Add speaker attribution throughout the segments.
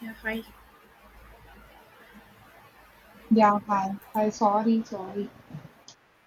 Speaker 1: Yeah, hi.
Speaker 2: Yeah, hi. Hi, sorry, sorry.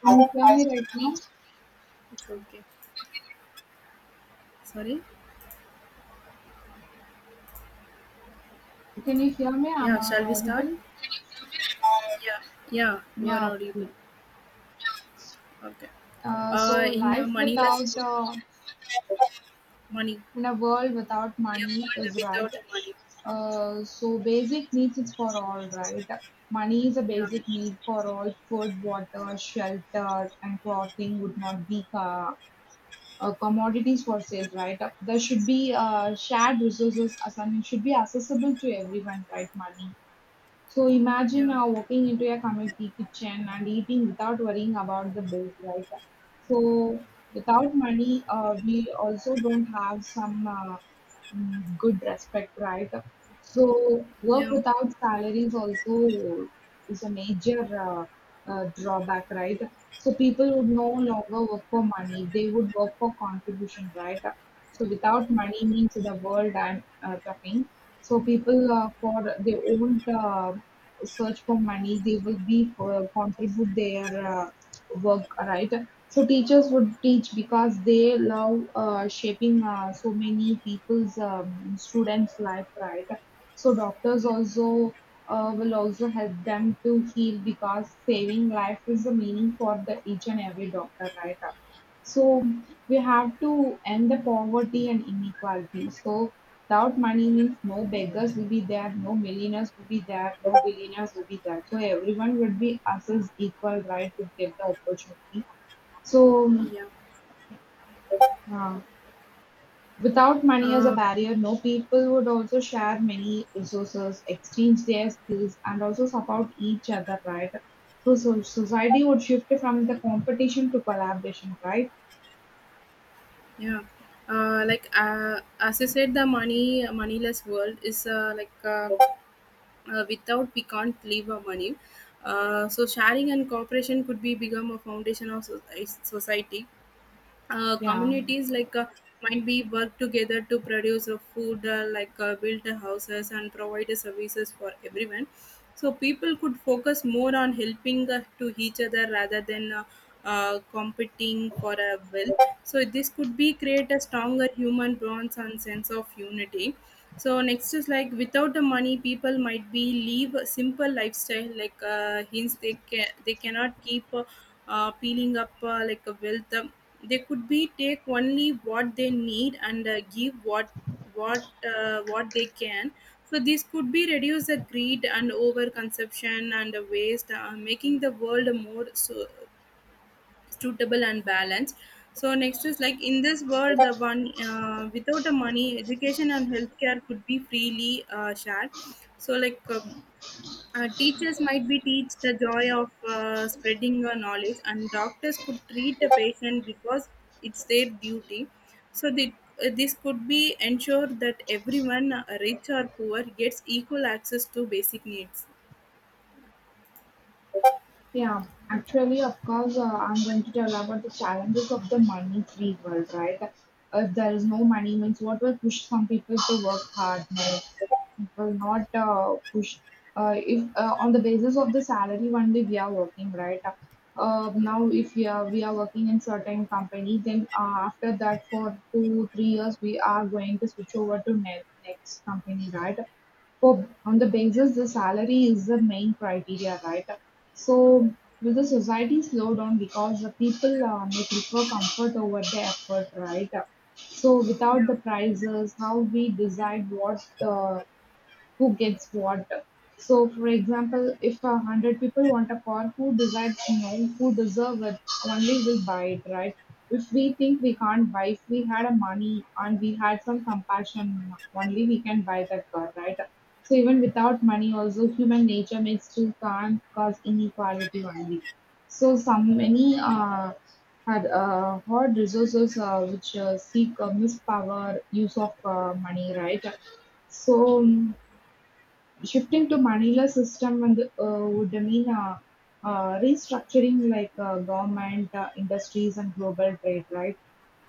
Speaker 2: Can you hear me right now?
Speaker 1: It's okay. Sorry.
Speaker 2: Can you hear me? Am
Speaker 1: Yeah,
Speaker 2: I
Speaker 1: shall we start?
Speaker 2: audible?
Speaker 1: Yeah. Yeah, you are
Speaker 2: Yeah,
Speaker 1: audible.
Speaker 2: okay.
Speaker 1: Okay.
Speaker 2: So
Speaker 1: In
Speaker 2: life without,
Speaker 1: moneyless money.
Speaker 2: in a world
Speaker 1: Yeah.
Speaker 2: without
Speaker 1: We are
Speaker 2: money
Speaker 1: born
Speaker 2: is right.
Speaker 1: without money.
Speaker 2: So basic needs is for all, right? Money is a
Speaker 1: Yeah.
Speaker 2: basic need for all. Food, water, shelter, and clothing would not be commodities for sale, right? There should be shared resources, as I mean, should be accessible to everyone, right? Money. So imagine
Speaker 1: Yeah.
Speaker 2: now walking into a community kitchen and eating without worrying about the bills, right? So without money, we also don't have. Some good respect, right? So work
Speaker 1: Yeah.
Speaker 2: without salary is also is a major drawback, right? So people would no longer work for money; they would work for contribution, right? So without money means the world I'm talking. So people for they won't search for money; they will be for, contribute their work, right? So teachers would teach because they love shaping so many people's students' life, right? So doctors
Speaker 1: Yeah.
Speaker 2: also will also help them to heal because saving life is the meaning for the each and every doctor, right? So we have to end the poverty and inequality. So without money means no beggars will be there, no millionaires will be there, no billionaires will be there. So everyone will be assessed equal right to get the opportunity. So
Speaker 1: Yeah.
Speaker 2: uh, without money as a
Speaker 1: Uh,
Speaker 2: barrier, no people would also share many resources, exchange their skills, and also support each other, right? So society would shift from the competition to collaboration, right?
Speaker 1: yeah. As I said, the money moneyless world is without we can't live our money. So sharing and cooperation could be become a foundation of society. Uh,
Speaker 2: Yeah.
Speaker 1: communities might be work together to produce a food, build a houses and provide a services for everyone. So people could focus more on helping to each other rather than competing for a wealth. So this could be create a stronger human bonds and sense of unity. So next is like without the money, people might be live a simple lifestyle. Hence they cannot keep peeling up like a wealth. They could be take only what they need and give what what they can. So this could be reduce the greed and overconsumption and the waste, making the world more so, suitable and balanced. So next is like in this world the one without the money, education and healthcare could be freely shared. so like um Teachers might be teach the joy of spreading your knowledge, and doctors could treat a patient because it's their duty. So they, this could be ensure that everyone, rich or poor, gets equal access to basic needs.
Speaker 2: Yeah, actually, of course, I'm going to tell about the challenges of the money-free world, right? If there is no money, means what will push some people to work hard? No, it will not push. If on the basis of the salary only we are working, right?
Speaker 1: Yeah,
Speaker 2: Now, if we are working in certain company, then after that, for 2 3 years, we are going to switch over to ne next company, right? For on the basis the salary is the main criteria, right? So will the society slow down because the people may prefer comfort over the effort, right? So without
Speaker 1: yeah,
Speaker 2: the prices, how we decide what who gets what. So, for example, if a hundred people want a car, who decides no, who deserve it, only will buy it, right? If we think we can't buy, if we had a money and we had some compassion, only we can buy that car, right? So even without money, also human nature may still can't cause inequality only. So some many had hard resources which seek mispower use of money, right? So shifting to Manila system and would mean restructuring like government, industries, and global trade, right?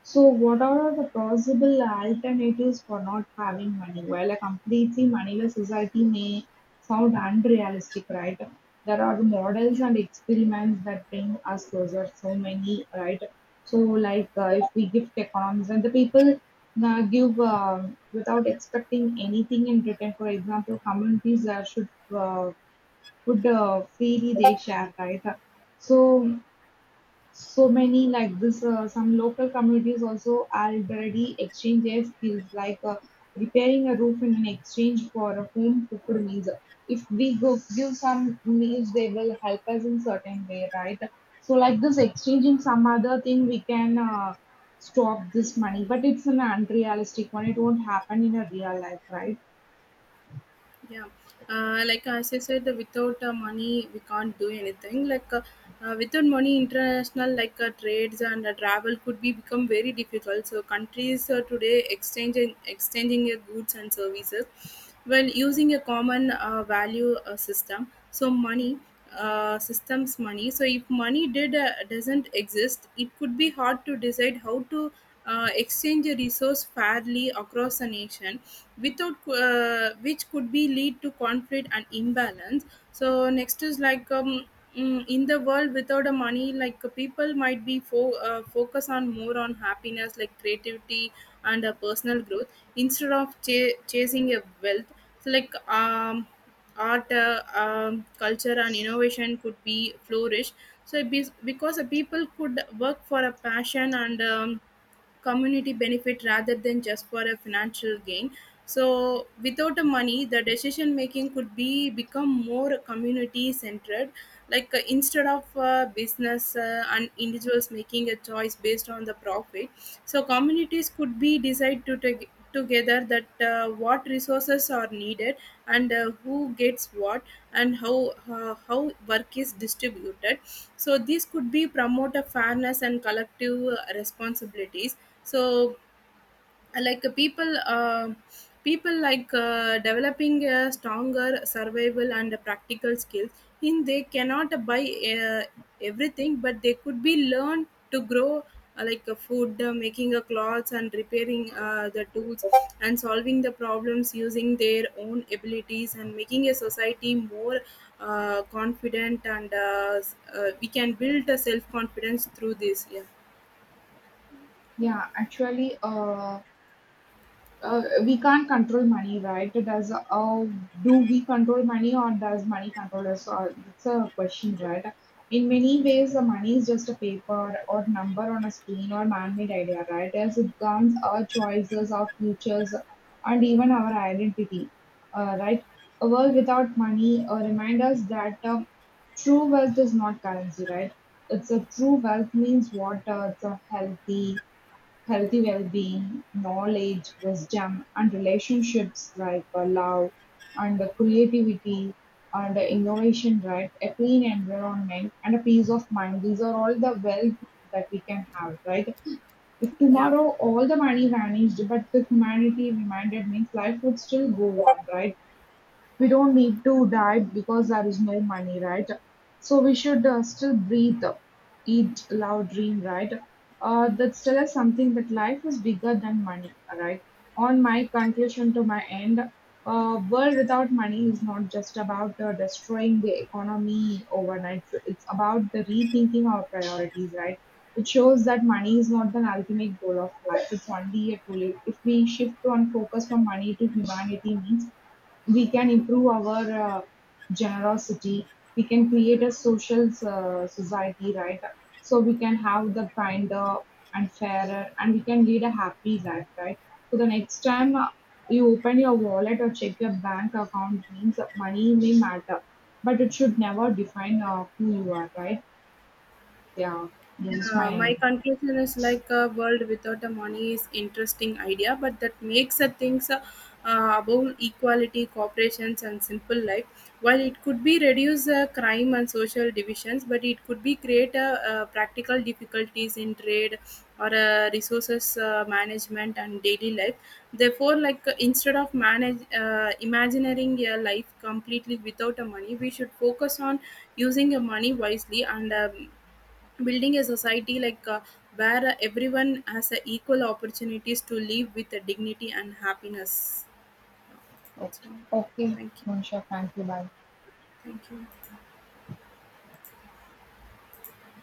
Speaker 2: So what are the possible alternatives for not having money? While a completely moneyless society may sound unrealistic, right? There are models
Speaker 1: yeah.
Speaker 2: and experiments that bring us closer, so many, right? So, like if we gift economies and the people give without expecting anything in return, for example, communities should uh, would freely they share, right? So so many like this, some local communities also already exchange their skills, like repairing a roof in an exchange for a home cooked meals. If we go give some meals, they will help us in certain way, right? So like this exchanging some other thing, we can stop this money, but it's an unrealistic one. It won't happen in a real life, right?
Speaker 1: Yeah, like as I said, without money we can't do anything. Without money, international trades and travel could be become very difficult. So countries today exchanging their goods and services while using a common value system. So money systems money. So if money did doesn't exist, it could be hard to decide how to exchange a resource fairly across a nation without which could be lead to conflict and imbalance. So next is like in the world without a money, people might be focus on more on happiness like creativity and personal growth instead of chasing a wealth. So art, culture and innovation could be flourish, because the people could work for a passion and community benefit rather than just for a financial gain. So without the money, the decision making could be become more community centered, instead of business and individuals making a choice based on the profit. So communities could be decide to take together that what resources are needed and who gets what and how work is distributed. So this could be promote a fairness and collective responsibilities. So like uh, people uh, people developing a stronger survival and practical skills in they cannot buy uh, everything, but they could be learned to grow food, making a clothes and repairing the tools and solving the problems using their own abilities and making a society more confident and we can build a self confidence through this. Yeah,
Speaker 2: Yeah, actually, we can't control money, right? Does do we control money or does money control us? So, it's a question, right? In many ways, the money is just a paper or number on a screen or man-made idea, right? As it governs our choices, our futures, and even our identity, right? A world without money reminds us that true wealth is not currency, right? It's a true wealth means what? It's a Healthy well-being, knowledge, wisdom, and relationships like love and creativity and innovation, right? A clean environment and a peace of mind. These are all the wealth that we can have, right? If
Speaker 1: yeah.
Speaker 2: tomorrow all the money vanished, but the humanity reminded means life would still go on, right? We don't need to diet because there is no money, right? So we should still breathe, eat, love, dream, right? That still is something that life is bigger than money, right? On my conclusion to my end, world without money is not just about destroying the economy overnight. It's about the rethinking our priorities, right? It shows that money is not the ultimate goal of life. It's only a tool. If we shift on focus from money to humanity means we can improve our generosity. We can create a social society, right? So we can have the kinder and fairer, and we can lead a happy life, right? So the next time, you open your wallet or check your bank account means that money may matter, but it should never define who you are, right? Yeah, this is
Speaker 1: Yeah, my
Speaker 2: my.
Speaker 1: conclusion is like a world without the money is interesting idea, but that makes the things about equality, corporations, and simple life. While it could be reduce crime and social divisions, but it could be create practical difficulties in trade or resources management and daily life. Therefore, instead of manage imagining a life completely without a money, we should focus on using your money wisely and. Building a society where everyone has equal opportunities to live with dignity and happiness. That's
Speaker 2: Okay,
Speaker 1: all.
Speaker 2: okay.
Speaker 1: Thank you.
Speaker 2: Monisha, thank you, bye.
Speaker 1: Thank you.